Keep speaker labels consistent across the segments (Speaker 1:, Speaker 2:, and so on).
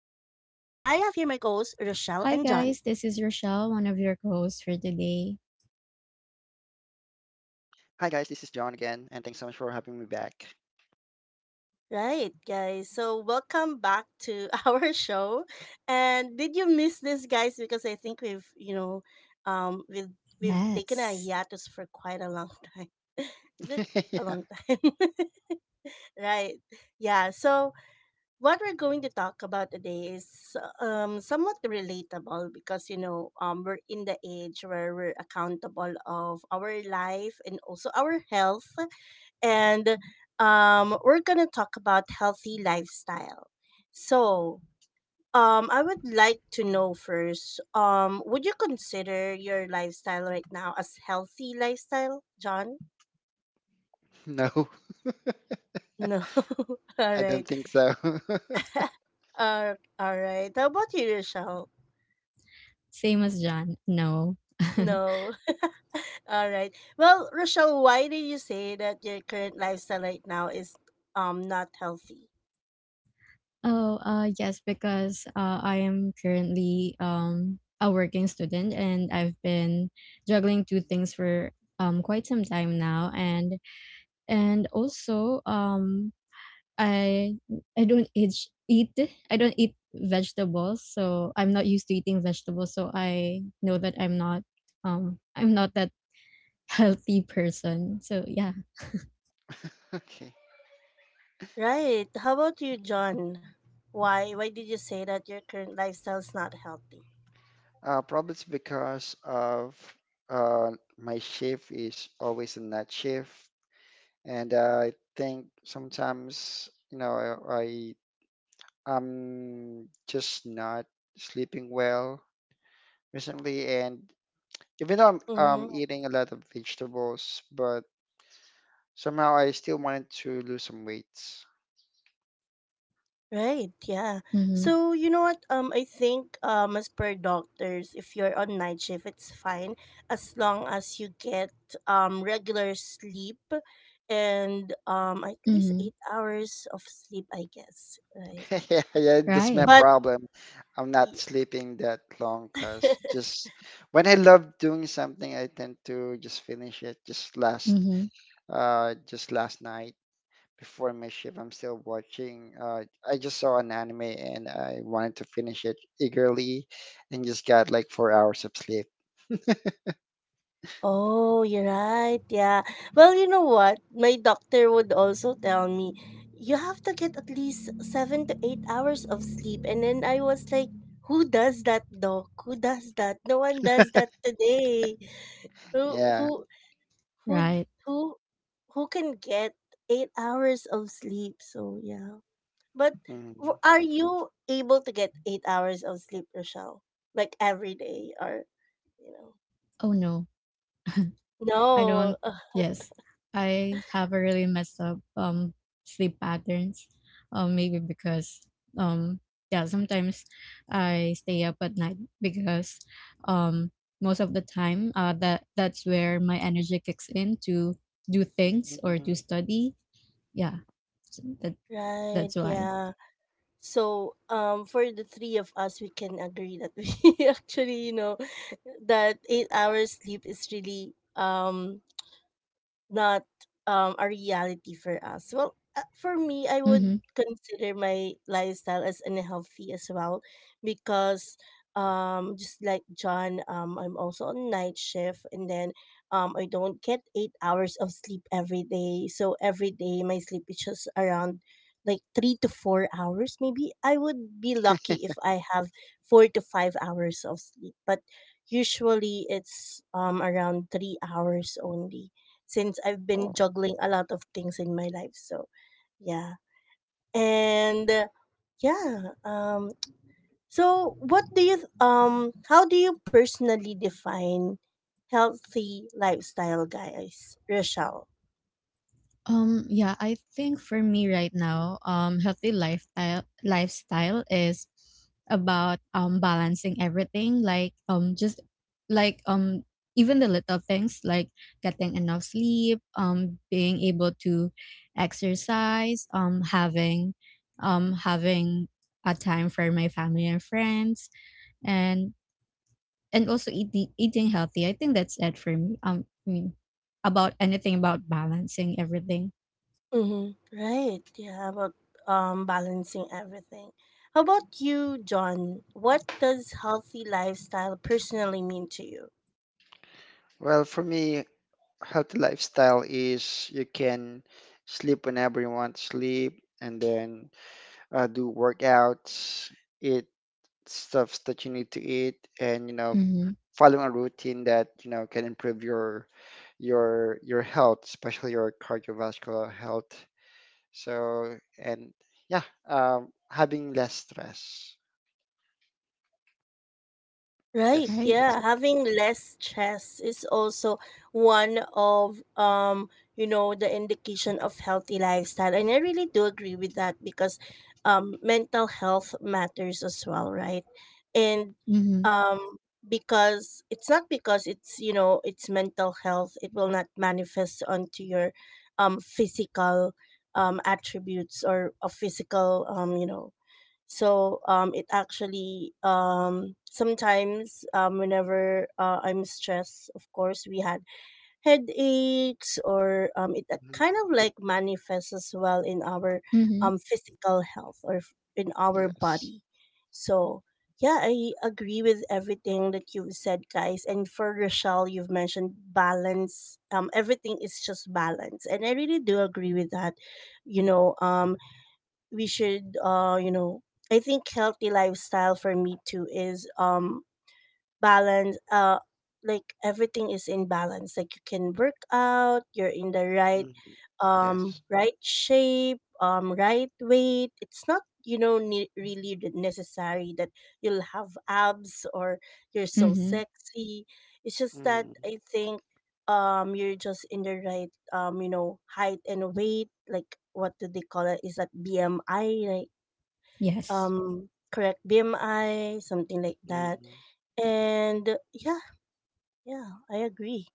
Speaker 1: and John.
Speaker 2: Hi guys, this is Rochelle, one of your co-hosts for today.
Speaker 3: Hi guys, this is John again, and thanks so much for having me back.
Speaker 1: Right, guys. So, welcome back to our show. And did you miss this, guys? Because I think we've, you know, um, we've, we've taken a
Speaker 2: Yes.
Speaker 1: hiatus for quite a long time. Is it a
Speaker 3: Yeah,
Speaker 1: long time? Right. Yeah. So, what we're going to talk about today is somewhat relatable because we're in the age where we're accountable of our life and also our health and we're gonna talk about healthy lifestyle, so I would like to know first, would you consider your lifestyle right now as healthy lifestyle, john?
Speaker 3: no,
Speaker 1: No. All
Speaker 3: I don't
Speaker 1: right.
Speaker 3: think so.
Speaker 1: All right, how about you, rochelle?
Speaker 2: Same as John. No.
Speaker 1: No. All right. Well, Rochelle, why did you say that your current lifestyle right now is not healthy?
Speaker 2: Oh, yes, because I am currently a working student, and I've been juggling two things for quite some time now, and also I I don't eat eat I don't eat vegetables, so I'm not used to eating vegetables, so I know that I'm not that healthy person. So yeah.
Speaker 3: Okay.
Speaker 1: Right. How about you, John? Why did you say that your current lifestyle is not healthy?
Speaker 3: Probably it's because of uh, my shift is always a night shift, and I think sometimes you know I, I am just not sleeping well recently, and even though I'm
Speaker 1: Mm-hmm.
Speaker 3: eating a lot of vegetables, but somehow I still wanted to lose some weight.
Speaker 1: Right, yeah.
Speaker 2: Mhm.
Speaker 1: So you know what? I think as per doctors, if you're on night shift, it's fine as long as you get regular sleep and at least
Speaker 2: Mhm.
Speaker 1: 8 hours of sleep, I guess. Right, yeah.
Speaker 3: Yeah, yeah, that's my
Speaker 2: Right.
Speaker 1: But
Speaker 3: problem. I'm not
Speaker 1: y-
Speaker 3: sleeping that long because just when I love doing something, I tend to just finish it.
Speaker 2: Mhm.
Speaker 3: Just last night before my shift, I'm still watching. I just saw an anime and I wanted to finish it eagerly, and just got like 4 hours of sleep.
Speaker 1: Oh, you're right. Yeah. Well, you know what? My doctor would also tell me, you have to get at least 7 to 8 hours of sleep. And then I was like, who does that, doc? Who does that? No one does that today. Who,
Speaker 3: Yeah.
Speaker 1: who, who,
Speaker 2: Right.
Speaker 1: who, who can get 8 hours of sleep? So, yeah. But
Speaker 3: Mhm.
Speaker 1: are you able to get 8 hours of sleep, Rochelle? Like every day or, you know?
Speaker 2: Oh no. I
Speaker 1: No.
Speaker 2: don't.
Speaker 1: Ugh,
Speaker 2: Yes. I have a really messed up sleep patterns. Maybe because um yeah, sometimes I stay up at night because um most of the time that's where my energy kicks in to do things or to
Speaker 3: Mhm.
Speaker 2: study. Yeah. So that
Speaker 1: right.
Speaker 2: that's why.
Speaker 1: Yeah. So, for the three of us, we can agree that we actually, you know, that 8 hours sleep is really not a reality for us. Well, for me, I would
Speaker 2: Mhm.
Speaker 1: consider my lifestyle as unhealthy as well because just like John, I'm also on night shift, and then I don't get 8 hours of sleep every day. So every day my sleep is just around like 3 to 4 hours maybe. I would be lucky if I have 4 to 5 hours of sleep, but usually it's around 3 hours only, since I've been
Speaker 3: Oh.
Speaker 1: juggling a lot of things in my life. So, yeah. And yeah, um so what do you how do you personally define healthy lifestyle, guys? Rochelle.
Speaker 2: Yeah, I think for me right now, healthy lifestyle is about balancing everything, like just like even the little things, like getting enough sleep, being able to exercise, having a time for my family and friends, and and also eating healthy. I think that's it for me. I mean, about anything, about balancing everything.
Speaker 1: Mm-hmm. Right. Yeah, about balancing everything. How about you, John? What does healthy lifestyle personally mean to you?
Speaker 3: Well, for me, healthy lifestyle is you can sleep whenever you want to sleep, and then do workouts, eat stuffs that you need to eat, and you know,
Speaker 2: Mhm.
Speaker 3: following a routine that you know can improve your health, especially your cardiovascular health. So and yeah, having less stress.
Speaker 1: Right.
Speaker 3: Yes,
Speaker 2: Right?
Speaker 3: that's
Speaker 1: Yeah,
Speaker 3: it.
Speaker 1: having less stress is also one of you know the indication of healthy lifestyle, and I really do agree with that, because mental health matters as well, right? And
Speaker 2: Mhm.
Speaker 1: um because it's not because it's you know it's mental health it will not manifest onto your physical attributes or a physical you know, so it actually sometimes whenever I'm stressed, of course, we had headaches or it
Speaker 3: Mhm.
Speaker 1: kind of like manifests as well in our
Speaker 2: Mhm.
Speaker 1: physical health or in our
Speaker 3: Yes.
Speaker 1: body. So yeah, I agree with everything that you've said, guys. And for Rochelle, you've mentioned balance. Everything is just balance, and I really do agree with that. You know, we should you know I think healthy lifestyle for me too is balance, like everything is in balance, like you can work out, you're in the right
Speaker 3: Hmm. Yes.
Speaker 1: right shape, right weight, it's not you know necessary that you'll have abs or you're so
Speaker 2: Mhm.
Speaker 1: sexy, it's just that
Speaker 3: Mm.
Speaker 1: I think you're just in the right you know height and weight, like what do they call it, is that bmi,
Speaker 2: Yes.
Speaker 1: correct BMI, something like that.
Speaker 3: Mm.
Speaker 1: And yeah, yeah, I agree.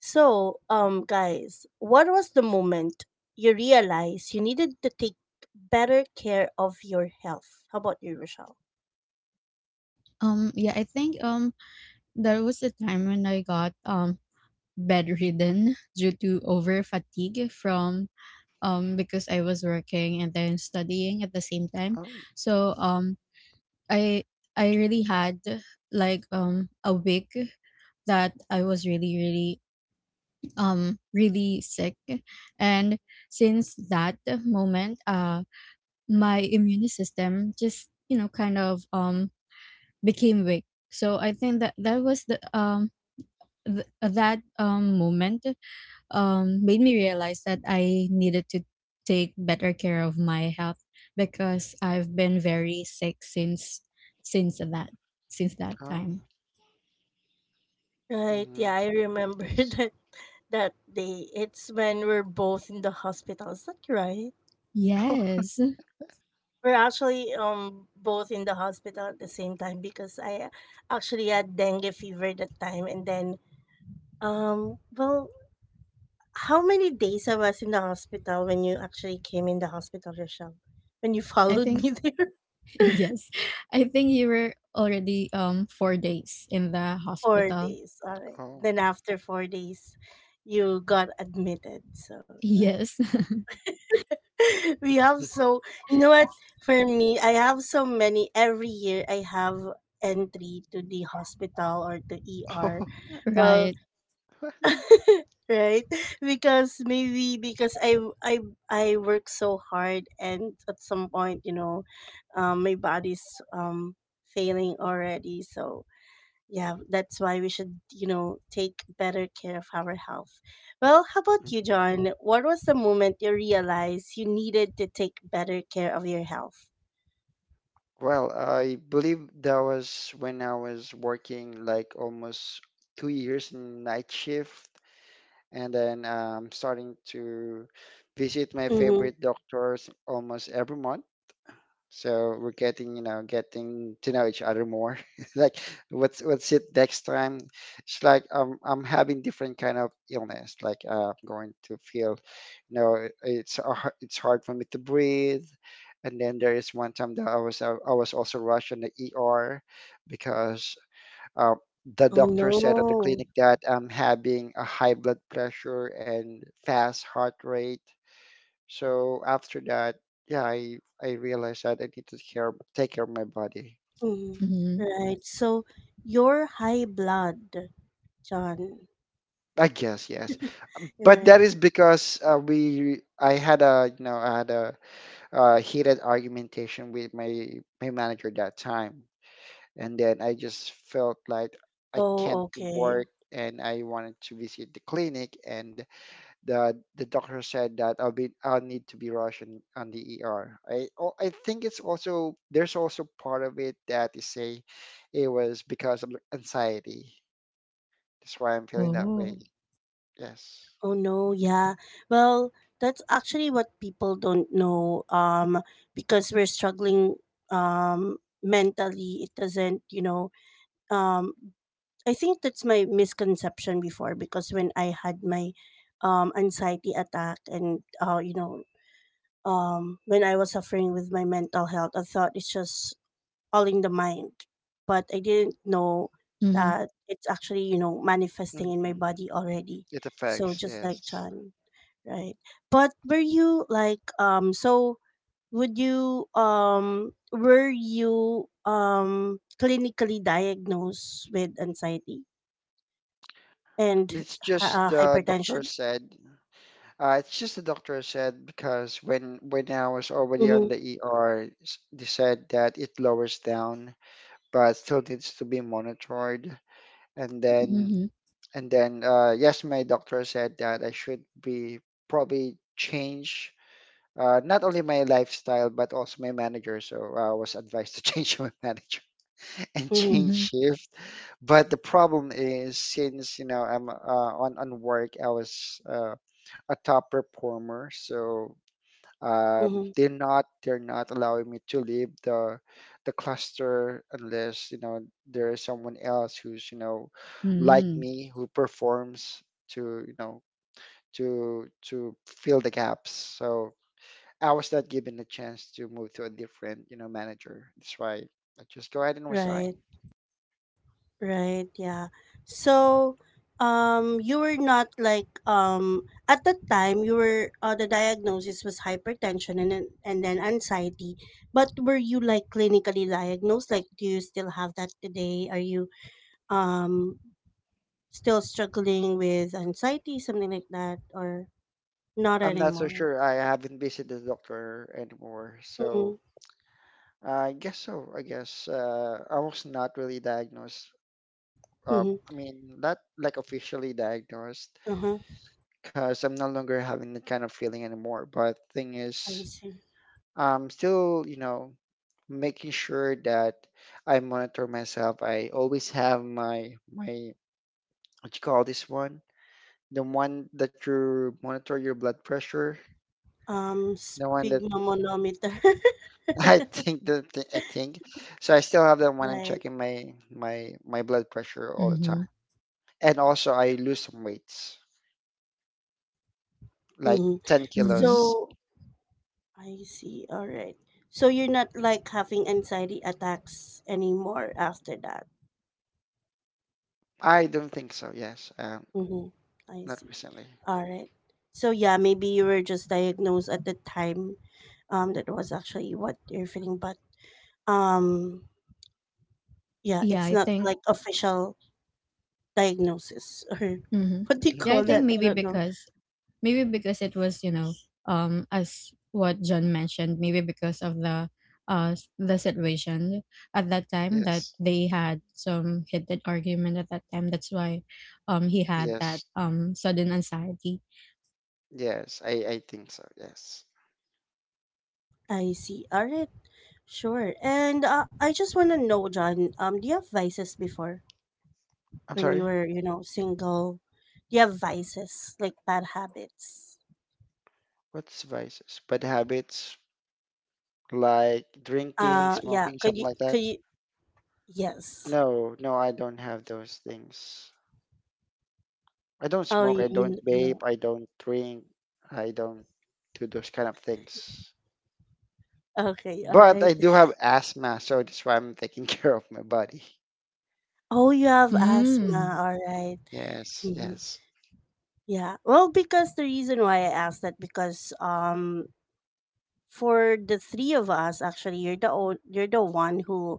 Speaker 1: So guys, what was the moment you realized you needed to take better care of your health? How about you, Rochelle?
Speaker 2: Yeah, I think there was a time when I got bedridden due to over fatigue from, because I was working and then studying at the same time.
Speaker 3: Oh.
Speaker 2: So I I really had, like, a week that I was really really really sick, and since that moment my immune system just, you know, kind of became weak. So I think that that was the th- that moment made me realize that I needed to take better care of my health, because I've been very sick since that since that
Speaker 3: Oh.
Speaker 2: time.
Speaker 1: Right,
Speaker 3: Hmm.
Speaker 1: yeah, I remember
Speaker 3: Yes.
Speaker 1: that that day, it's when we're both in the hospital, is that right?
Speaker 2: Yes.
Speaker 1: We're actually both in the hospital at the same time because I actually had dengue fever that time, and then well, how many days I was in the hospital when you actually came in the hospital, Rochelle? When you
Speaker 2: I
Speaker 1: followed
Speaker 2: think
Speaker 1: me there?
Speaker 2: yes. I think you were already 4 days in the
Speaker 1: Four
Speaker 2: hospital.
Speaker 1: days. All right.
Speaker 3: Oh.
Speaker 1: Then after 4 days, you got admitted. So, right.
Speaker 2: Yes.
Speaker 1: We have so, you know what? For me, I have so many. Every year, I have entry to the hospital or to ER.
Speaker 3: Oh.
Speaker 1: Well,
Speaker 2: Right.
Speaker 1: right, because maybe because i i work so hard, and at some point you know my body's um failing already, so yeah, that's why we should you know take better care of our health. Well, how about you,
Speaker 3: Mhm.
Speaker 1: john, what was the moment you realized you needed to take better care of your health?
Speaker 3: Well, I believe that was when I was working like almost 2 years in night shift, and then starting to visit my
Speaker 1: Mm-hmm.
Speaker 3: favorite doctors almost every month. So we're getting, you know, getting to know each other more. Like, what's it next time? It's like I'm having different kind of illness. Like I'm going to feel, you know, it's hard for me to breathe. And then there is one time that I was also rushed in the ER because uh, the
Speaker 1: Oh
Speaker 3: doctor
Speaker 1: no.
Speaker 3: said at the clinic that I'm having a high blood pressure and fast heart rate. So after that, yeah, I realized that I need to care take care of my body.
Speaker 1: Mm-hmm.
Speaker 2: Mhm.
Speaker 1: Right, so your high blood, john.
Speaker 3: I guess yes, but
Speaker 1: Right.
Speaker 3: that is because we I had a heated argumentation with my manager that time, and then I just felt like I
Speaker 1: Oh,
Speaker 3: can't
Speaker 1: okay.
Speaker 3: work and I wanted to visit the clinic and the doctor said that I'll need to be rushed in, on the ER. I Oh, I think it's also there's also part of it that is say it was because of anxiety. That's why I'm feeling that
Speaker 2: Oh.
Speaker 3: way. Yes.
Speaker 1: Oh no, yeah. Well, that's actually what people don't know. Because we're struggling um mentally. It doesn't, you know, um I think that's my misconception before, because when I had my anxiety attack and you know, when I was suffering with my mental health, I thought it's just all in the mind. But I didn't know
Speaker 2: Mhm.
Speaker 1: that it's actually, you know, manifesting in my
Speaker 3: Hmm.
Speaker 1: body already.
Speaker 3: It
Speaker 1: So
Speaker 3: affects,
Speaker 1: just like
Speaker 3: yes.
Speaker 1: Chan, right? But were you like so would you were you clinically diagnosed with anxiety and
Speaker 3: It's just the doctor
Speaker 1: hypertension?
Speaker 3: said. It's just the doctor said because when I was already
Speaker 1: Mm-hmm,
Speaker 3: on the ER, they said that it lowers down, but still needs to be monitored. And then
Speaker 2: Mhm.
Speaker 3: And then, yes, my doctor said that I should be probably change not only my lifestyle but also my manager. So I was advised to change my manager and
Speaker 1: mm-hmm,
Speaker 3: change
Speaker 2: Mhm.
Speaker 3: shift. But the problem is, since you know I'm on work, I was a top performer, so
Speaker 1: mm-hmm.
Speaker 3: they're not allowing me to leave the cluster unless you know there is someone else who's you know like
Speaker 2: Mhm.
Speaker 3: me who performs to you know to fill the gaps, so I was not given a chance to move to a different you know manager. That's why I just go ahead and resign.
Speaker 1: Right. Right, yeah.
Speaker 3: Mhm.
Speaker 1: So, you were not like at that time you were the diagnosis was hypertension and then anxiety. But were you like clinically diagnosed? Like, do you still have that today? Are you um still struggling with anxiety, something like that, or not
Speaker 3: I'm not so
Speaker 1: anymore?
Speaker 3: sure. I haven't visited the doctor anymore,
Speaker 1: Mm-hmm.
Speaker 3: so. I guess I was not really diagnosed
Speaker 1: Mm-hmm.
Speaker 3: I mean, not like officially diagnosed
Speaker 1: Uh-huh.
Speaker 3: because I'm no longer having that kind of feeling anymore. But thing
Speaker 1: I
Speaker 3: is,
Speaker 1: see.
Speaker 3: I'm still making sure that I monitor myself. I always have my what you call this one, the one that you monitor your blood pressure, the one that
Speaker 1: Sphygmomanometer.
Speaker 3: I think. So I still have that one. I'm
Speaker 1: Right.
Speaker 3: checking my blood pressure all the time,
Speaker 2: Mhm.
Speaker 3: and also I lose some weights, like
Speaker 1: Mm-hmm.
Speaker 3: ten
Speaker 2: Mhm.
Speaker 3: kilos.
Speaker 1: So, I see. All right. So you're not like having anxiety attacks anymore after that.
Speaker 3: I don't think so. Yes,
Speaker 1: Mm-hmm. I
Speaker 3: not
Speaker 1: see.
Speaker 3: recently.
Speaker 1: All right. So yeah, maybe you were just diagnosed at the time. That was actually what you're feeling, but um, yeah,
Speaker 2: Yeah,
Speaker 1: it's
Speaker 2: I
Speaker 1: not
Speaker 2: think.
Speaker 1: like official diagnosis or
Speaker 2: Mhm.
Speaker 1: what do you
Speaker 2: Yeah, I
Speaker 1: call
Speaker 2: think
Speaker 3: Yeah.
Speaker 1: that? I
Speaker 2: maybe
Speaker 1: don't know.
Speaker 2: because maybe because it was, you know, as what John mentioned, maybe because of the situation at that time, that
Speaker 3: Yes.
Speaker 2: they had some heated argument at that time, that's why he had that
Speaker 3: Yes.
Speaker 2: sudden anxiety.
Speaker 3: Yes. I think so. Yes.
Speaker 1: I see. All right. Sure. And I just want to know, John. Do you have vices before?
Speaker 3: I'm
Speaker 1: When you
Speaker 3: sorry.
Speaker 1: were you know single, do you have vices like bad habits?
Speaker 3: What's vices? Bad habits like drinking,
Speaker 1: Yeah,
Speaker 3: smoking,
Speaker 1: could
Speaker 3: something
Speaker 1: you
Speaker 3: like that.
Speaker 1: yes.
Speaker 3: No, no, I don't have those things. I don't
Speaker 1: Oh,
Speaker 3: smoke.
Speaker 1: you
Speaker 3: I don't
Speaker 1: you
Speaker 3: vape.
Speaker 1: know,
Speaker 3: I don't drink. I don't do those kind of things.
Speaker 1: okay, all
Speaker 3: But
Speaker 1: right.
Speaker 3: I do have asthma, so that's why I'm taking care of my body.
Speaker 1: Oh, you have asthma,
Speaker 2: Mm.
Speaker 1: all right.
Speaker 3: Yes.
Speaker 1: Mhm.
Speaker 3: Yes.
Speaker 1: Yeah, well, because the reason why I asked that, because for the three of us, actually you're the one who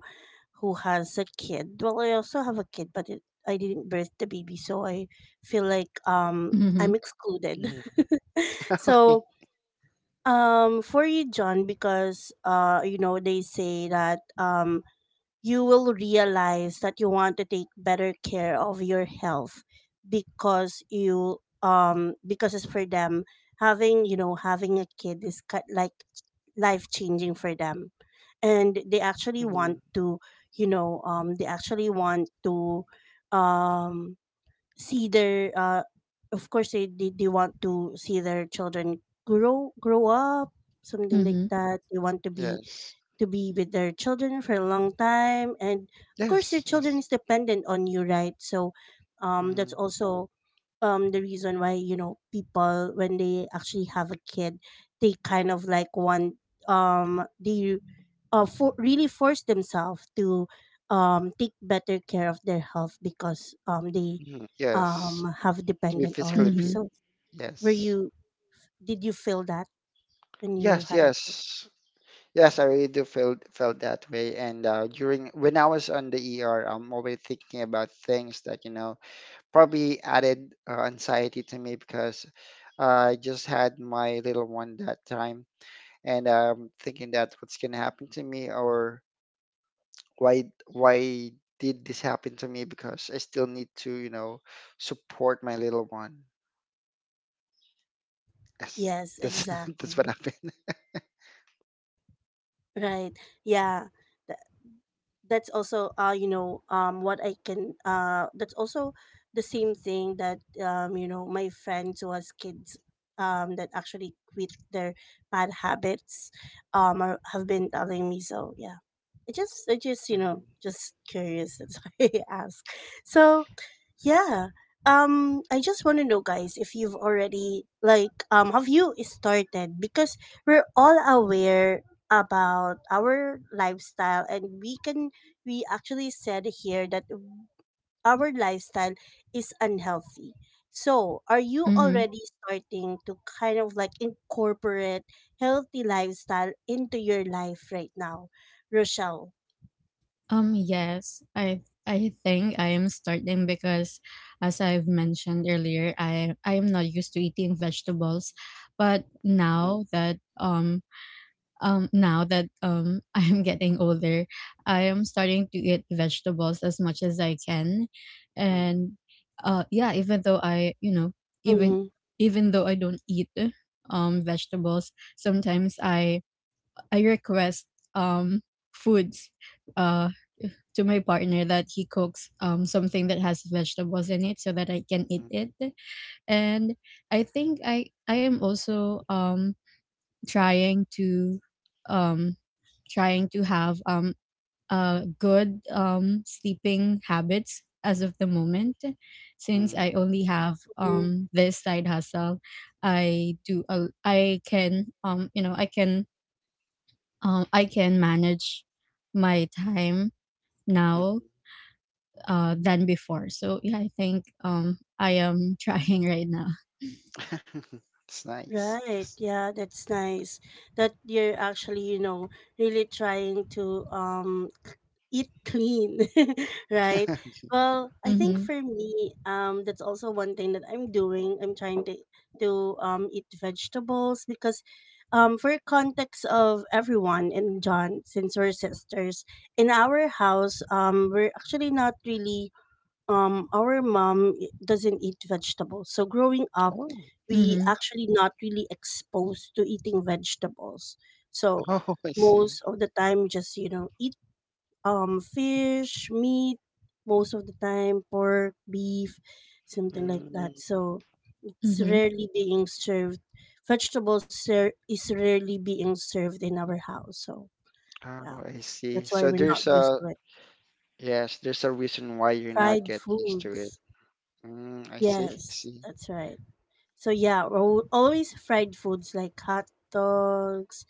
Speaker 1: has a kid. Well, I also have a kid, but I didn't birth the baby, so I feel like
Speaker 2: Mhm.
Speaker 1: I'm excluded.
Speaker 3: Mhm. Okay.
Speaker 1: So for you, john, because you know they say that you will realize that you want to take better care of your health because you because it's for them, having you know having a kid is like life changing for them, and they actually want
Speaker 3: Mhm.
Speaker 1: to you know they actually want to um see their of course they want to see their children grow up, something like
Speaker 2: Mhm.
Speaker 1: that, they want
Speaker 3: Yes.
Speaker 1: to be with their children for a long time, and of course your
Speaker 3: Yes,
Speaker 1: children
Speaker 3: yes.
Speaker 1: is dependent on you, right? So that's
Speaker 3: Hmm,
Speaker 1: also the reason why you know people when they actually have a kid, they kind of like want um they really force themselves to take better care of their health because they
Speaker 3: hmm. Yes.
Speaker 1: have
Speaker 3: To be
Speaker 1: dependent
Speaker 3: physically
Speaker 1: already,
Speaker 3: fit.
Speaker 2: Mhm.
Speaker 1: so were
Speaker 3: Yes.
Speaker 1: you did you feel that when you
Speaker 3: Yes,
Speaker 1: had a kid?
Speaker 3: yes. Yes, I really do feel felt that way. And during when I was on the ER, I'm already thinking about things that probably added anxiety to me because I just had my little one that time, and I'm thinking that what's gonna happen to me or why did this happen to me? Because I still need to support my little one. Yes,
Speaker 1: Yes,
Speaker 3: that's that's what
Speaker 1: exactly.
Speaker 3: happened.
Speaker 1: Right. Yeah. Th- that's also you know what I can that's also the same thing that you know my friends who has kids that actually quit their bad habits have been telling me, so yeah, I just you
Speaker 3: Mhm,
Speaker 1: know just curious, that's why I ask. So yeah, I just want to know, guys, if you've already like have you started, because we're all aware about our lifestyle, and we actually said here that our lifestyle is unhealthy. So, are you
Speaker 2: Mhm.
Speaker 1: already starting to kind of like incorporate healthy lifestyle into your life right now, Rochelle?
Speaker 2: Yes, I think I am starting because, as I've mentioned earlier, I am not used to eating vegetables, but
Speaker 3: mhm,
Speaker 2: now that I am getting older, I am starting to eat vegetables as much as I can.
Speaker 3: mhm,
Speaker 2: And yeah, even though I, you know, even
Speaker 1: Mm-hmm.
Speaker 2: even though I don't eat vegetables, sometimes I request um foods uh to my partner, that he cooks something that has vegetables in it so that I can eat
Speaker 3: mhm,
Speaker 2: it. And I think I am also trying to um have a good sleeping habits as of the moment, since
Speaker 3: mhm,
Speaker 2: I only have this side hustle. I do a, I can I can manage my time now,
Speaker 3: mhm.
Speaker 2: than before. So yeah, I think I am trying right now.
Speaker 3: It's nice.
Speaker 1: Right.
Speaker 3: Yes.
Speaker 1: Yeah, that's nice that you're actually, you know, really trying to eat clean right. Well, I think
Speaker 2: Mm-hmm.
Speaker 1: for me, that's also one thing that I'm doing. I'm trying to eat vegetables, because for context of everyone and John, since we're sisters in our house, we're actually not really, our mom doesn't eat vegetables. So growing up,
Speaker 3: Oh,
Speaker 1: we
Speaker 2: Mm-hmm.
Speaker 1: actually not really exposed to eating vegetables. So
Speaker 3: oh, I see.
Speaker 1: most of the time, just eat fish, meat, most of the time, pork, beef, something like
Speaker 3: Mm,
Speaker 1: that. So it's
Speaker 2: Mm-hmm.
Speaker 1: rarely being served. Vegetables is rarely being served in our house. So yeah,
Speaker 3: oh, I see.
Speaker 1: that's why
Speaker 3: So
Speaker 1: we're not
Speaker 3: there's
Speaker 1: used
Speaker 3: a
Speaker 1: to it.
Speaker 3: yes, there's a reason why you're not
Speaker 1: Fried
Speaker 3: get used to it.
Speaker 1: foods.
Speaker 3: Mm, I see. I
Speaker 1: Yes,
Speaker 3: see.
Speaker 1: that's right. So yeah, we're always fried foods like hot dogs.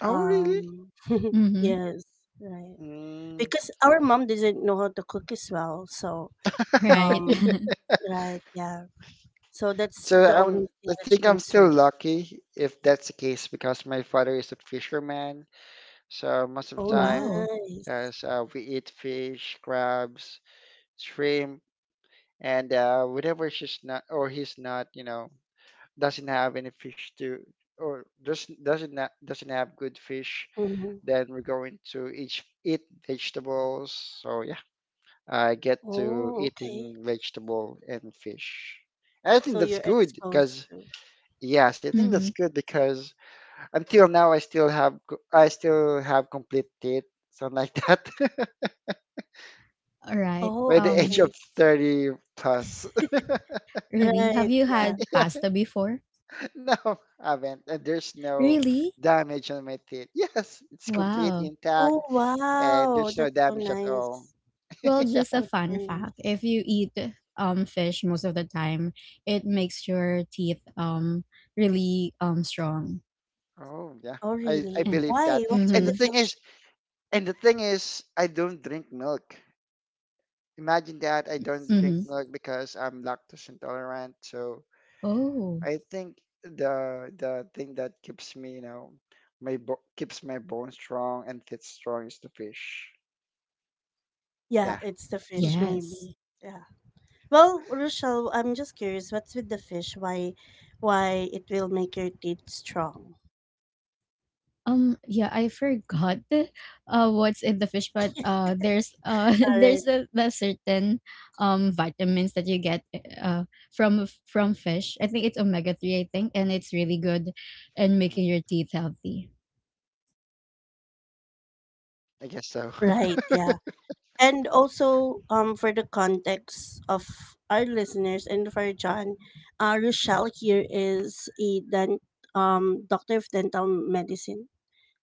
Speaker 3: Oh, really?
Speaker 1: Um,
Speaker 2: Mm-hmm.
Speaker 1: yes, right.
Speaker 3: Mm.
Speaker 1: Because our mom doesn't know how to cook as well, so
Speaker 2: Right.
Speaker 1: um, right, yeah. So that's
Speaker 3: So
Speaker 1: the only thing
Speaker 3: I
Speaker 1: that you
Speaker 3: think
Speaker 1: can
Speaker 3: I'm still
Speaker 1: serve.
Speaker 3: lucky if that's the case because my father is a fisherman. So most of the
Speaker 1: Oh,
Speaker 3: time,
Speaker 2: Wow.
Speaker 1: nice.
Speaker 3: as we eat fish, crabs, shrimp, and whenever she's not or he's not, you know, doesn't have any fish to or doesn't have good fish,
Speaker 1: Mm-hmm.
Speaker 3: then we're going to each eat vegetables. So yeah, I get to
Speaker 1: Oh, okay.
Speaker 3: eating vegetable and fish. I think
Speaker 1: So
Speaker 3: that's
Speaker 1: you're
Speaker 3: good
Speaker 1: exposed
Speaker 3: because
Speaker 1: to.
Speaker 3: Yes, I think that's
Speaker 2: Mm-hmm.
Speaker 3: good because until now I still have complete teeth, something like that.
Speaker 2: All right.
Speaker 3: By
Speaker 1: Oh,
Speaker 3: the age of
Speaker 1: okay.
Speaker 3: 30 plus.
Speaker 2: Really? Have
Speaker 1: Right,
Speaker 2: you
Speaker 1: yeah.
Speaker 2: had
Speaker 3: Yeah,
Speaker 2: pasta before?
Speaker 3: no, I haven't. And there's no
Speaker 2: Really?
Speaker 3: damage on my teeth. Yes, it's complete
Speaker 2: Wow.
Speaker 3: intact
Speaker 1: Oh,
Speaker 3: and
Speaker 1: wow.
Speaker 3: there's no
Speaker 1: That's so
Speaker 3: damage at all.
Speaker 1: nice.
Speaker 2: Well,
Speaker 3: Yeah.
Speaker 2: just a
Speaker 1: That's so
Speaker 2: fun
Speaker 1: nice.
Speaker 2: fact. If you eat fish most of the time, it makes your teeth really strong.
Speaker 3: Oh, yeah.
Speaker 1: Oh,
Speaker 3: I
Speaker 2: Eh.
Speaker 1: really?
Speaker 3: believe
Speaker 1: Why?
Speaker 3: that.
Speaker 1: What's with
Speaker 3: And the
Speaker 1: the
Speaker 2: Mm-hmm.
Speaker 3: thing
Speaker 1: fish?
Speaker 3: is, I don't drink milk. Imagine that I don't
Speaker 2: Mm-hmm.
Speaker 3: drink milk because I'm lactose intolerant. So
Speaker 2: Oh,
Speaker 3: I think the thing that keeps me, you know, my bo- keeps my bones strong and teeth strong is the fish.
Speaker 1: Yeah,
Speaker 3: Yeah.
Speaker 1: it's the fish,
Speaker 2: yes.
Speaker 1: maybe. Yeah. Well, Rochelle, I'm just curious. What's with the fish? Why it will make your teeth strong?
Speaker 2: Yeah, I forgot what's in the fish, but there's
Speaker 1: All
Speaker 2: there's
Speaker 1: right.
Speaker 2: the certain vitamins that you get uh from fish. I think it's omega-3, I think, and it's really good in making
Speaker 3: Mm.
Speaker 2: your teeth healthy.
Speaker 3: I guess so.
Speaker 1: Right, yeah. And also, for the context of our listeners and for John, Rochelle here is a doctor of dental medicine.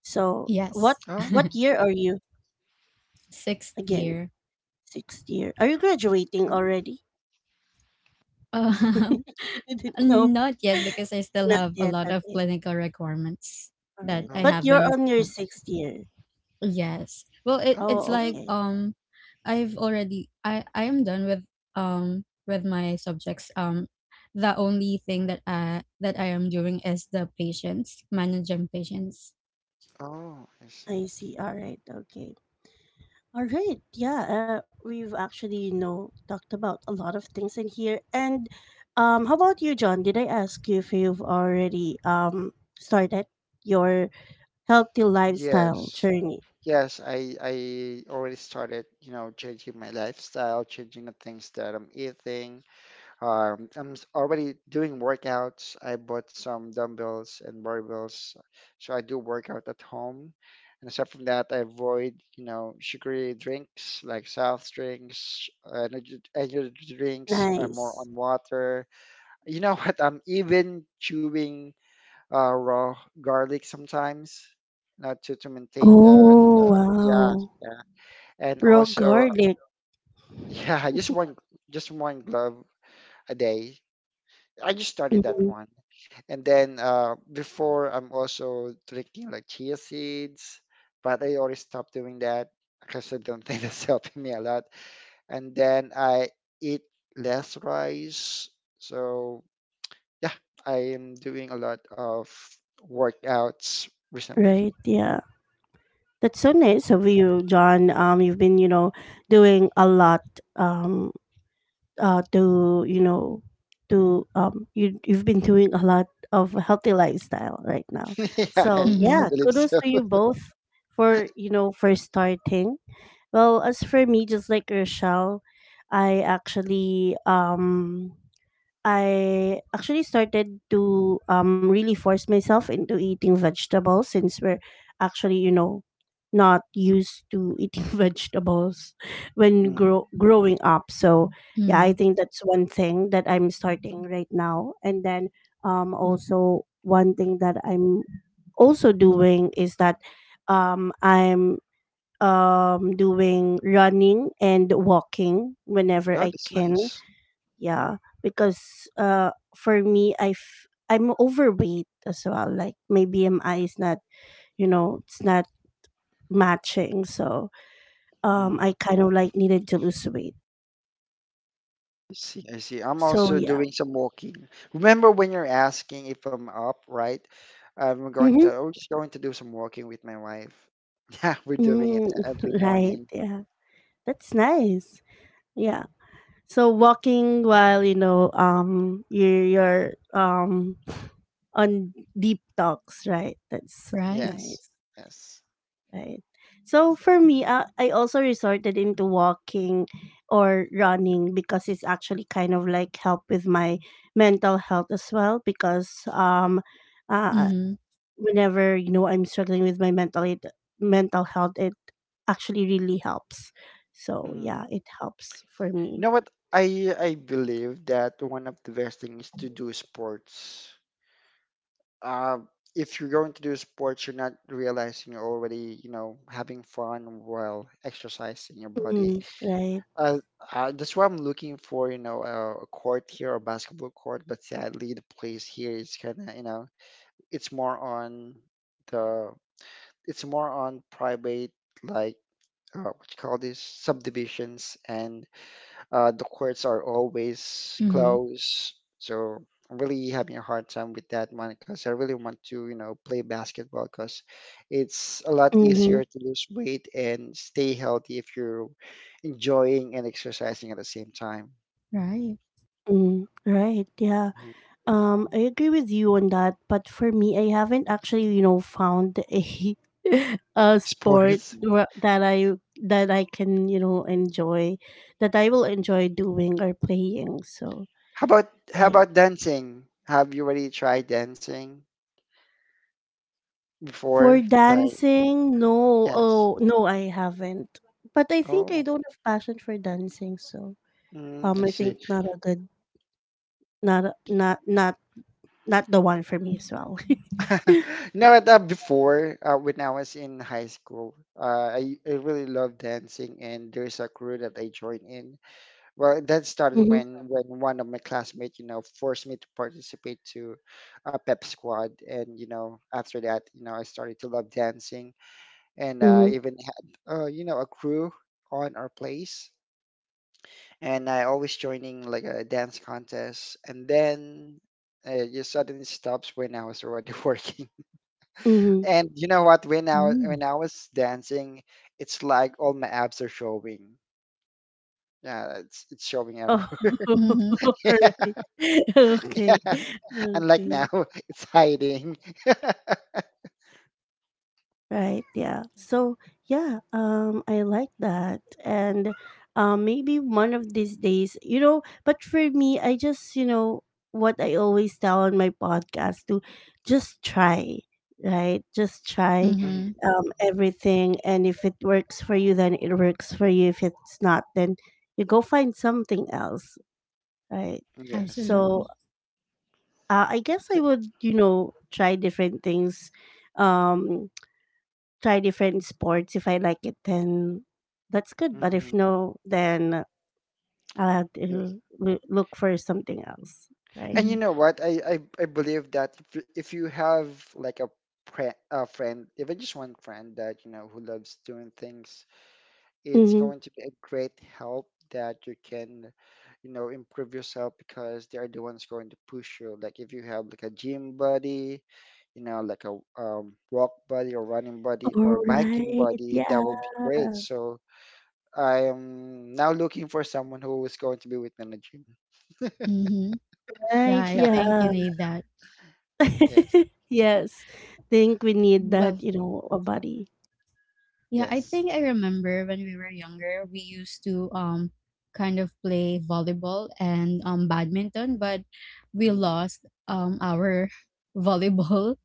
Speaker 1: So, what
Speaker 2: Yes.
Speaker 3: Oh,
Speaker 1: what year are you
Speaker 2: Sixth
Speaker 1: again?
Speaker 2: year.
Speaker 1: Sixth year. Are you graduating
Speaker 3: oh,
Speaker 1: already?
Speaker 2: Uh,
Speaker 1: I didn't know.
Speaker 2: Not yet, because I still
Speaker 1: Not
Speaker 2: have a
Speaker 1: yet.
Speaker 2: lot of
Speaker 1: Okay.
Speaker 2: clinical requirements
Speaker 1: All
Speaker 2: that
Speaker 1: right.
Speaker 2: I
Speaker 1: But
Speaker 3: oh,
Speaker 1: you're
Speaker 2: haven't.
Speaker 1: on your sixth year.
Speaker 2: Yes. Well, it,
Speaker 3: oh,
Speaker 2: it's
Speaker 1: Oh,
Speaker 2: like,
Speaker 3: really?
Speaker 1: okay.
Speaker 2: I've already, I am done with my subjects. The only thing that I am doing is the patients, managing patients.
Speaker 3: Oh, I see.
Speaker 1: I see. All right. Okay. All right. Yeah, we've actually, you know, talked about a lot of things in here. And how about you, John? Did I ask you if you've already started your healthy lifestyle
Speaker 3: Yes,
Speaker 1: journey?
Speaker 3: yes, I already started changing my lifestyle, changing the things that I'm eating. Already doing workouts. I bought some dumbbells and barbells, so I do workout at home. And aside from that, I avoid, you know, sugary drinks like soft drinks, energy drinks. I'm more
Speaker 1: Nice.
Speaker 3: on water. You know what? I'm even chewing raw garlic sometimes, not to maintain the
Speaker 1: Oh,
Speaker 3: yeah,
Speaker 1: wow.
Speaker 3: yeah. And
Speaker 1: Raw
Speaker 3: also
Speaker 1: garlic.
Speaker 3: yeah, just one glove a day. I just started that
Speaker 1: Mhm.
Speaker 3: one, and then before I'm also drinking like chia seeds, but I already stopped doing that because I don't think that's helping me a lot. And then I eat less rice, so yeah, I am doing a lot of workouts recently.
Speaker 1: Right. Yeah. That's so nice of you, John. You've been, you know, doing a lot, um to to you've been doing a lot of healthy lifestyle right now.
Speaker 3: Yeah,
Speaker 1: So
Speaker 3: I
Speaker 1: yeah,
Speaker 2: Mhm.
Speaker 3: believe
Speaker 1: kudos
Speaker 3: so.
Speaker 1: to you both for you know for starting. Well, as for me, just like Rochelle, I actually um I actually started to really force myself into eating vegetables, since we're actually, you know, not used to eating vegetables when
Speaker 3: Mm.
Speaker 1: growing up. So, yeah, I
Speaker 2: Mhm.
Speaker 1: think that's one thing that I'm starting right now. And then also, one thing that I'm also doing is that I'm doing running and walking whenever
Speaker 3: Oh,
Speaker 1: I
Speaker 3: that's
Speaker 1: can,
Speaker 3: nice.
Speaker 1: yeah, because for me, I'm overweight as well. Like my BMI is not, you know, it's not matching. So
Speaker 3: Mm.
Speaker 1: I kind of like needed to lose weight.
Speaker 3: I see, I see. I'm
Speaker 1: So
Speaker 3: also
Speaker 1: yeah.
Speaker 3: doing some walking. Remember when you're asking if I'm up, right?
Speaker 1: Mhm.
Speaker 3: I'm just going to do some walking with my wife. Yeah, we're doing it
Speaker 1: Mm,
Speaker 3: every
Speaker 1: right.
Speaker 3: morning.
Speaker 1: Yeah. That's nice. Yeah. So walking while, you know, you're on deep talks, right? That's
Speaker 2: Right.
Speaker 3: Yes,
Speaker 1: nice.
Speaker 3: yes.
Speaker 1: Right. So for me, I also resorted into walking or running because it's actually kind of like help with my mental health as well. Because uh,
Speaker 2: Mhm.
Speaker 1: whenever you know I'm struggling with my mental health, it actually really helps. So
Speaker 3: Mm.
Speaker 1: yeah, it helps for
Speaker 3: You
Speaker 1: me.
Speaker 3: know what? I believe that one of the best things to do sports. uh, if you're going to do sports, you're not realizing you're already having fun while exercising your body.
Speaker 1: Mm, right.
Speaker 3: Uh, that's why I'm looking for a court here, a basketball court. But sadly, the place here is kind of it's more on the, it's more on private, like, what you call this, subdivisions and the courts are always
Speaker 2: Mhm.
Speaker 3: closed, so I'm really having a hard time with that one because I really want to play basketball because it's a lot
Speaker 1: Mm-hmm.
Speaker 3: easier to lose weight and stay healthy if you're enjoying and exercising at the same time.
Speaker 2: Right.
Speaker 1: Mm, right. Yeah.
Speaker 3: Mhm.
Speaker 1: I agree with you on that, but for me, I haven't actually, you know, found a a sport
Speaker 3: Sports.
Speaker 1: that I can, you know, enjoy, that I will enjoy doing or playing. So,
Speaker 3: How about how
Speaker 1: right.
Speaker 3: about dancing? Have you already tried dancing
Speaker 1: For
Speaker 3: before? Like,
Speaker 1: dancing, no.
Speaker 3: yes.
Speaker 1: Oh, no, I haven't. But I think I
Speaker 3: Oh,
Speaker 1: don't have passion for dancing, so
Speaker 3: mm, I
Speaker 1: I
Speaker 3: see.
Speaker 1: think not a good, not a, not the one for me as well.
Speaker 3: You know what? Before, when I was in high school, I really loved dancing, and there's a crew that I joined in. Well, that started
Speaker 1: Mm-hmm,
Speaker 3: when one of my classmates forced me to participate to a pep squad, and you know, after that, you know, I started to love dancing, and
Speaker 1: mm-hmm,
Speaker 3: even had, you know, a crew on our place, and I always joining like a dance contest, and then. It just suddenly stops when I was already working.
Speaker 1: mm-hmm.
Speaker 3: And you know what?
Speaker 2: Mm.
Speaker 3: When I was dancing, it's like all my abs are showing. Yeah, it's showing
Speaker 1: Oh,
Speaker 3: everywhere.
Speaker 2: Mhm.
Speaker 1: right. Okay.
Speaker 3: yeah, unlike now,
Speaker 1: Okay.
Speaker 3: it's hiding.
Speaker 1: Right. Yeah. So, yeah, I like that. And maybe one of these days, you know, but for me, I just, you know, what I always tell on my podcast to just try, right? Just try
Speaker 2: Mhm.
Speaker 3: Mhm.
Speaker 1: everything. And if it works for you, then it works for you. If it's not, then you go find something else, right?
Speaker 3: Yes.
Speaker 1: So,
Speaker 2: Absolutely.
Speaker 1: I guess I would, you know, try different things, um, try different sports. If I like it, then that's good. But
Speaker 3: Mm-hmm.
Speaker 1: if no, then I'll have
Speaker 3: Yes.
Speaker 1: to look for something else, right?
Speaker 3: And you
Speaker 2: Mhm.
Speaker 3: know what? I believe that if you have like a friend, even just one friend that you know who loves doing things. It's
Speaker 1: Mm-hmm.
Speaker 3: going to be a great help that you can improve yourself, because they are the ones going to push you. Like if you have like a gym buddy, like a walk buddy or running buddy
Speaker 1: All
Speaker 3: or biking
Speaker 1: right.
Speaker 3: buddy. That
Speaker 1: Yeah.
Speaker 3: will be great. So I am now looking for someone who is going to be with me in the gym.
Speaker 2: Mhm. Yeah,
Speaker 1: Right.
Speaker 2: I
Speaker 3: Yeah.
Speaker 1: Yeah.
Speaker 2: think you need that.
Speaker 3: Yes.
Speaker 1: Yes. Think we need
Speaker 2: Well,
Speaker 1: that, you know, a body.
Speaker 2: yeah, I
Speaker 3: Yes.
Speaker 2: think I remember when we were younger, we used to kind of play volleyball and badminton, but we
Speaker 3: Hmm.
Speaker 2: lost our volleyball,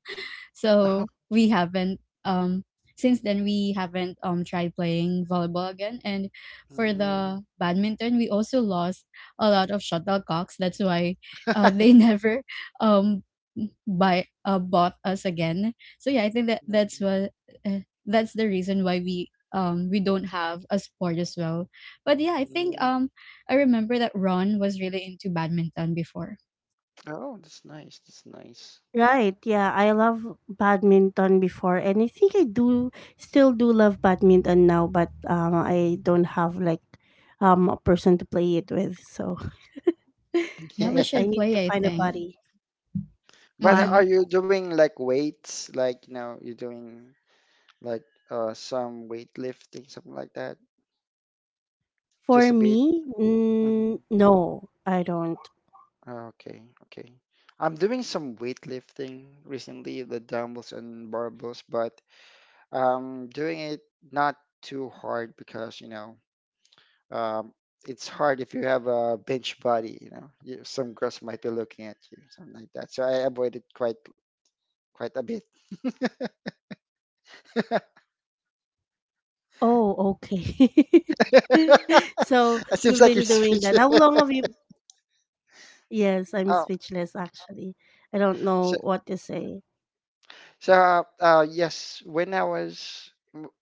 Speaker 3: Oh,
Speaker 2: so we haven't since then we haven't tried playing volleyball again. And for
Speaker 3: mm.
Speaker 2: the badminton, we also lost a lot of shuttlecocks. That's why they never um buy bought us again. So yeah, I think that that's
Speaker 3: Mm,
Speaker 2: what, uh, that's the reason why we don't have a sport as well. But yeah, I think
Speaker 3: mm.
Speaker 2: I remember that Ron was really into badminton before.
Speaker 3: Oh, that's nice. That's nice.
Speaker 1: Right. Yeah, I love badminton before, and I think I do still do love badminton now, but I don't have like a person to play it with. So,
Speaker 2: Yeah, we
Speaker 1: right. I
Speaker 2: should
Speaker 1: need to
Speaker 2: play, I
Speaker 1: find a
Speaker 2: think.
Speaker 1: buddy.
Speaker 3: But
Speaker 1: What?
Speaker 3: are
Speaker 2: Mhm.
Speaker 3: you doing like weights? Like, you know, you're doing like some weightlifting, something like that? Just
Speaker 1: For
Speaker 3: a bit?
Speaker 1: me?
Speaker 3: Hmm.
Speaker 1: Mm, no, I don't.
Speaker 3: Okay, okay. I'm doing some weightlifting recently, the dumbbells and barbells, but I'm doing it not too hard because, um, it's hard if you have a bench body, you know, some girls might be looking at you, something like that. So I avoid it quite a bit.
Speaker 1: Oh, okay. So, you've
Speaker 3: It
Speaker 1: been
Speaker 3: seems like
Speaker 1: doing
Speaker 3: you're
Speaker 1: that. How
Speaker 3: speaking.
Speaker 1: long have you Yes, I'm
Speaker 3: Oh.
Speaker 1: speechless actually. I don't know
Speaker 3: so
Speaker 1: what to say.
Speaker 3: So, yes, when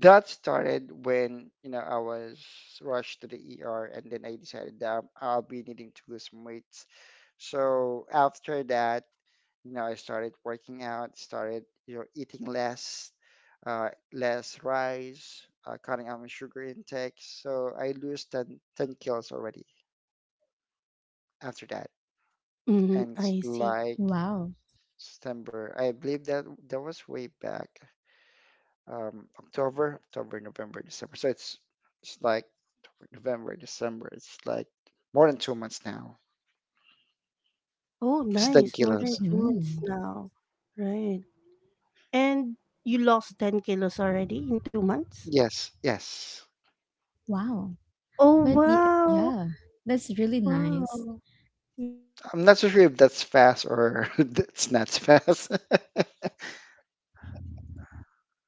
Speaker 3: that started when I was rushed to the ER, and then I decided that I'll be needing to lose some weights. So after that, I started working out, started eating less, less rice, cutting out my sugar intake. So I lose ten kilos already after that,
Speaker 1: Hmm,
Speaker 3: and it's
Speaker 1: I see.
Speaker 3: like
Speaker 2: Wow.
Speaker 3: September. I believe that that was way back. October, November, December. So it's like October, November, December. It's like more than 2 months now.
Speaker 1: Oh,
Speaker 3: It's ten
Speaker 1: nice. More than
Speaker 3: kilos.
Speaker 1: 2 months
Speaker 2: Mm,
Speaker 1: now. Right. And you lost 10 kilos already in 2 months?
Speaker 3: Yes, yes.
Speaker 2: wow.
Speaker 1: Oh,
Speaker 2: But
Speaker 1: wow.
Speaker 2: yeah, that's really nice.
Speaker 1: Wow. Yeah.
Speaker 3: I'm not so sure if that's fast or that's not fast,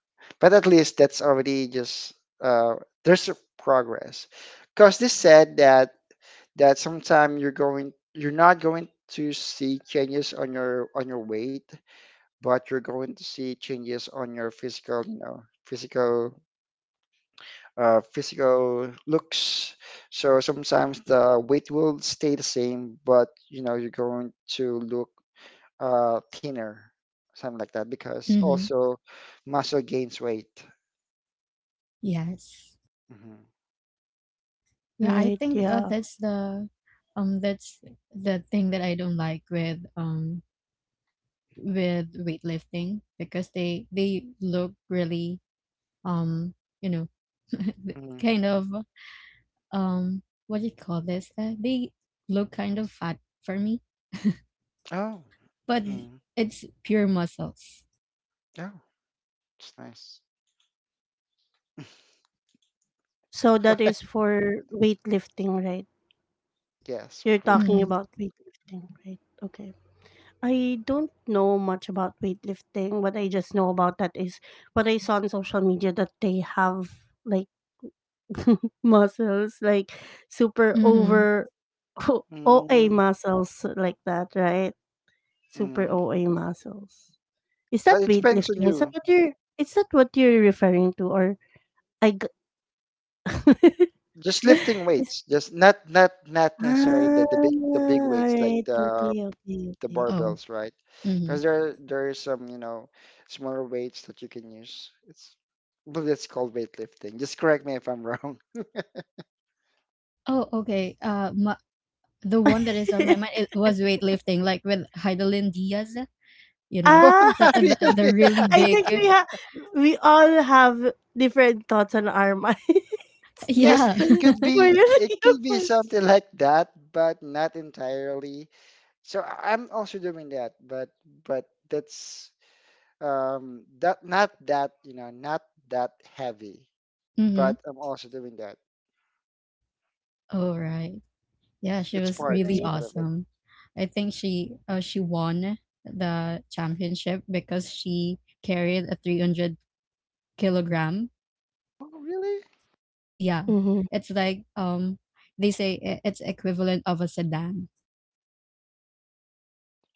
Speaker 3: but at least that's already just uh there's a progress. Because they said that that sometime you're not going to see changes on your weight, but you're going to see changes on your physical, you know, physical physical looks. So sometimes the weight will stay the same, but you're going to look thinner, something like that, because
Speaker 2: Mm-hmm.
Speaker 3: also muscle gains weight.
Speaker 2: Yes.
Speaker 3: Hmm.
Speaker 2: Yeah, I
Speaker 1: Right.
Speaker 2: think,
Speaker 1: Yeah.
Speaker 2: that's the um that's thing that I don't like with, with weightlifting, because they look really, um you know
Speaker 3: Hmm.
Speaker 2: kind of um what do you call this? They look kind of fat for me,
Speaker 3: Oh,
Speaker 2: but
Speaker 3: mm.
Speaker 2: it's pure muscles.
Speaker 3: Oh, it's nice.
Speaker 1: So that is for weightlifting, right?
Speaker 3: Yes,
Speaker 1: You're talking
Speaker 3: weightlifting.
Speaker 2: Mm-hmm.
Speaker 1: about weightlifting, right? Okay. I don't know much about weightlifting. What I just know about that is what I saw on social media that they have like muscles, like super
Speaker 2: Mm-hmm.
Speaker 1: over OA
Speaker 3: Mm,
Speaker 1: muscles like that, right? Super
Speaker 3: mm.
Speaker 1: OA muscles. Is that
Speaker 3: But it depends on
Speaker 1: weightlifting?
Speaker 3: you.
Speaker 1: Is that what you're referring to or I g-
Speaker 3: Just lifting
Speaker 1: Is-
Speaker 3: weights, just not necessarily the
Speaker 1: all
Speaker 3: big weights like
Speaker 1: right.
Speaker 3: the
Speaker 1: Okay, okay,
Speaker 3: the
Speaker 1: okay.
Speaker 2: Oh.
Speaker 3: barbells, right?
Speaker 2: Mm-hmm.
Speaker 3: Because there is some smaller weights that you can use. It's but it's called weightlifting. Just correct me if I'm wrong.
Speaker 2: Oh, okay. The one that is on my mind, it was weightlifting, like with Heidelin Diaz. You know,
Speaker 3: Oh,
Speaker 1: ah,
Speaker 2: the
Speaker 3: not
Speaker 2: uh, the,
Speaker 3: really.
Speaker 2: the really
Speaker 1: I think
Speaker 2: big.
Speaker 1: we all have different thoughts on our minds.
Speaker 3: Yes,
Speaker 2: Yeah.
Speaker 3: it could be
Speaker 1: For the
Speaker 3: it
Speaker 1: three
Speaker 3: could be
Speaker 1: of us.
Speaker 3: something like that, but not entirely. So I'm also doing that, but that's that not that you know not that heavy,
Speaker 2: Mm-hmm.
Speaker 3: but I'm also doing that.
Speaker 2: Oh, right. Yeah, she
Speaker 3: It's
Speaker 2: was
Speaker 3: part it's
Speaker 2: really
Speaker 1: Right.
Speaker 3: part of it.
Speaker 2: awesome. I think she won the championship because she carried a 300 kilogram.
Speaker 3: Oh really?
Speaker 2: Yeah,
Speaker 1: Mm-hmm.
Speaker 2: it's like, they say it's equivalent of a sedan.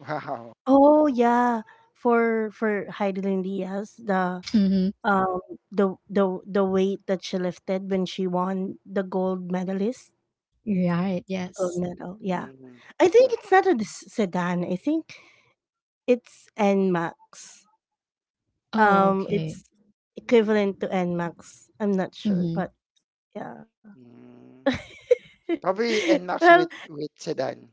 Speaker 3: Wow.
Speaker 1: Oh yeah, for Heidelin Diaz,
Speaker 2: Mm-hmm.
Speaker 1: um the weight that she lifted when she won
Speaker 2: Right.
Speaker 1: the gold
Speaker 2: Yes.
Speaker 1: medal, yeah.
Speaker 3: Mm,
Speaker 1: I think it's not a sedan. I think it's NMAX,
Speaker 2: Oh, okay.
Speaker 1: it's equivalent to NMAX. I'm not
Speaker 2: Mm-hmm.
Speaker 1: sure, but yeah.
Speaker 3: mm. Probably NMAX
Speaker 1: Well.
Speaker 3: with sedan.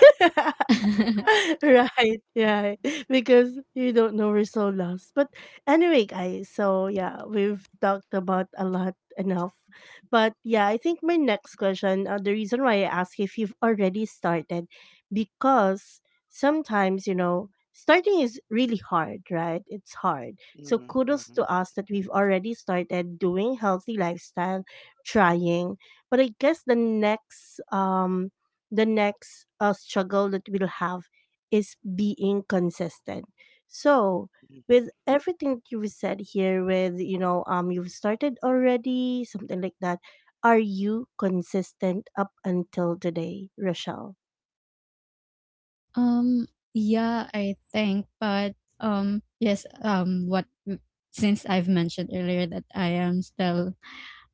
Speaker 1: Right, right. Because you don't know we're so lost. But anyway, guys, so yeah, we've talked about a lot enough. But yeah, I think my next question, the reason why I ask if you've already started, because sometimes, you know, starting is really hard, right? It's hard. So kudos
Speaker 3: Mm-hmm.
Speaker 1: to us that we've already started doing healthy lifestyle, trying. But I guess the next struggle that we'll have is being consistent. So,
Speaker 3: Mm-hmm.
Speaker 1: with everything that you've said here, with you know, you've started already, something like that. Are you consistent up until today, Rochelle?
Speaker 2: Um, yeah, I think, but, yes, what, since I've mentioned earlier that I am still,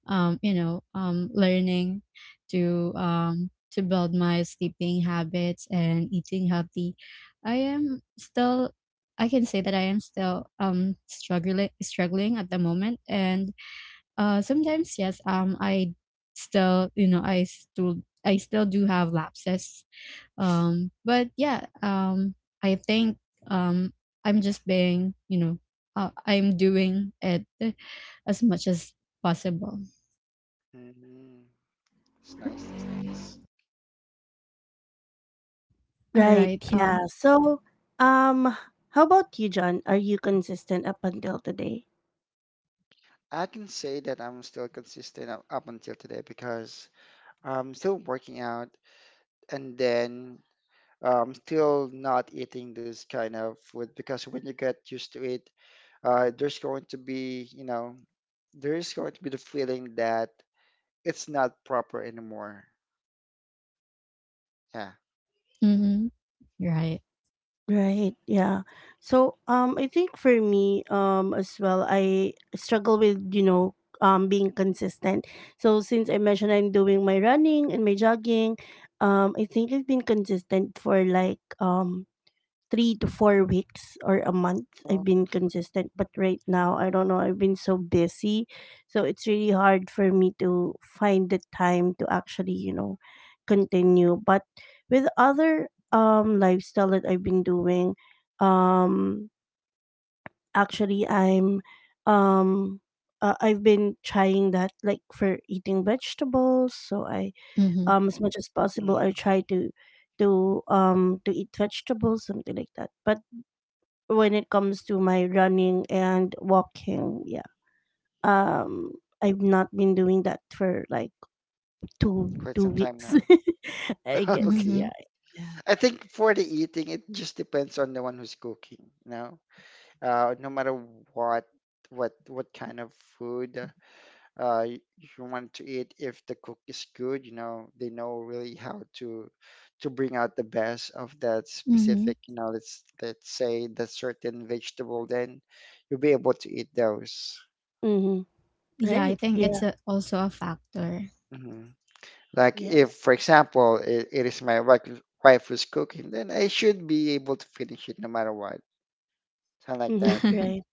Speaker 2: learning to build my sleeping habits and eating healthy, I am still I can say that I am still struggling at the moment, and sometimes, yes, I still do have lapses. But yeah, I think, um, I'm just being, you know, I'm doing it as much as possible.
Speaker 3: It's nice. That's nice.
Speaker 2: All
Speaker 1: Right.
Speaker 2: right.
Speaker 1: Yeah. So, um, how about you, John? Are you consistent up until today?
Speaker 3: I can say that I'm still consistent up until today, because I'm still working out, and then still not eating this kind of food. Because when you get used to it, uh, there's going to be, you know, there is going to be the feeling that it's not proper anymore. Yeah.
Speaker 2: Hmm right.
Speaker 1: Right. Yeah. So, I think for me, as well, I struggle with you know, being consistent. So since I mentioned I'm doing my running and my jogging, I think I've been consistent for like 3 to 4 weeks or a month.
Speaker 3: Oh.
Speaker 1: I've been
Speaker 3: Okay.
Speaker 1: consistent, but right now I don't know. I've been so busy, so it's really hard for me to find the time to actually you know continue. But with other lifestyle that I've been doing, um actually I'm um I've been trying that, like, for eating vegetables. So I
Speaker 2: Mm-hmm,
Speaker 1: as much as possible
Speaker 3: Mm.
Speaker 1: I try to eat vegetables, something like that. But when it comes to my running and walking. Yeah. Um
Speaker 3: Hmm.
Speaker 1: I've not been doing that for like two
Speaker 3: Quite
Speaker 1: two
Speaker 3: some time
Speaker 1: weeks.
Speaker 3: now.
Speaker 1: I guess
Speaker 2: mm-hmm,
Speaker 3: Okay.
Speaker 1: yeah. Yeah.
Speaker 3: I think for the eating, it just depends on the one who's cooking. No matter what, what kind of food, you want to eat. If the cook is good, they know really how to bring out the best of that
Speaker 2: mm-hmm.
Speaker 3: specific. Let's say the certain vegetable, then you'll be able to eat those.
Speaker 1: Mhm.
Speaker 2: Yeah, I
Speaker 1: Right.
Speaker 2: think
Speaker 1: Yeah.
Speaker 2: it's a, also a factor.
Speaker 3: Mm-hmm. Like
Speaker 1: Yes.
Speaker 3: if, for example, it is my wife who's cooking, then I should be able to finish it no matter what. Something like
Speaker 1: Mhm.
Speaker 3: that.
Speaker 1: Right.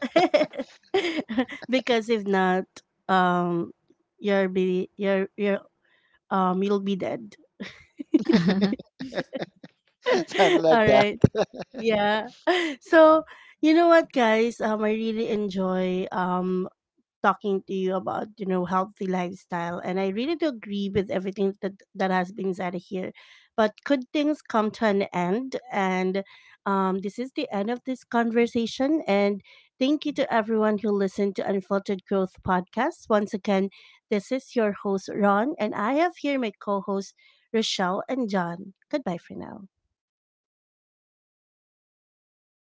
Speaker 1: Because if not, um you're be you're you're you'll be dead.
Speaker 3: Something
Speaker 1: All
Speaker 3: like
Speaker 1: right.
Speaker 3: that.
Speaker 1: Yeah. So, you know what, guys, I really enjoy talking to you about, you know, healthy lifestyle. And I really do agree with everything that has been said here, but could things come to an end. And this is the end of this conversation. And thank you to everyone who listened to Unfiltered Growth Podcast once again. This is your host, Ron, and I have here my co-hosts, Rochelle and John. Goodbye for now.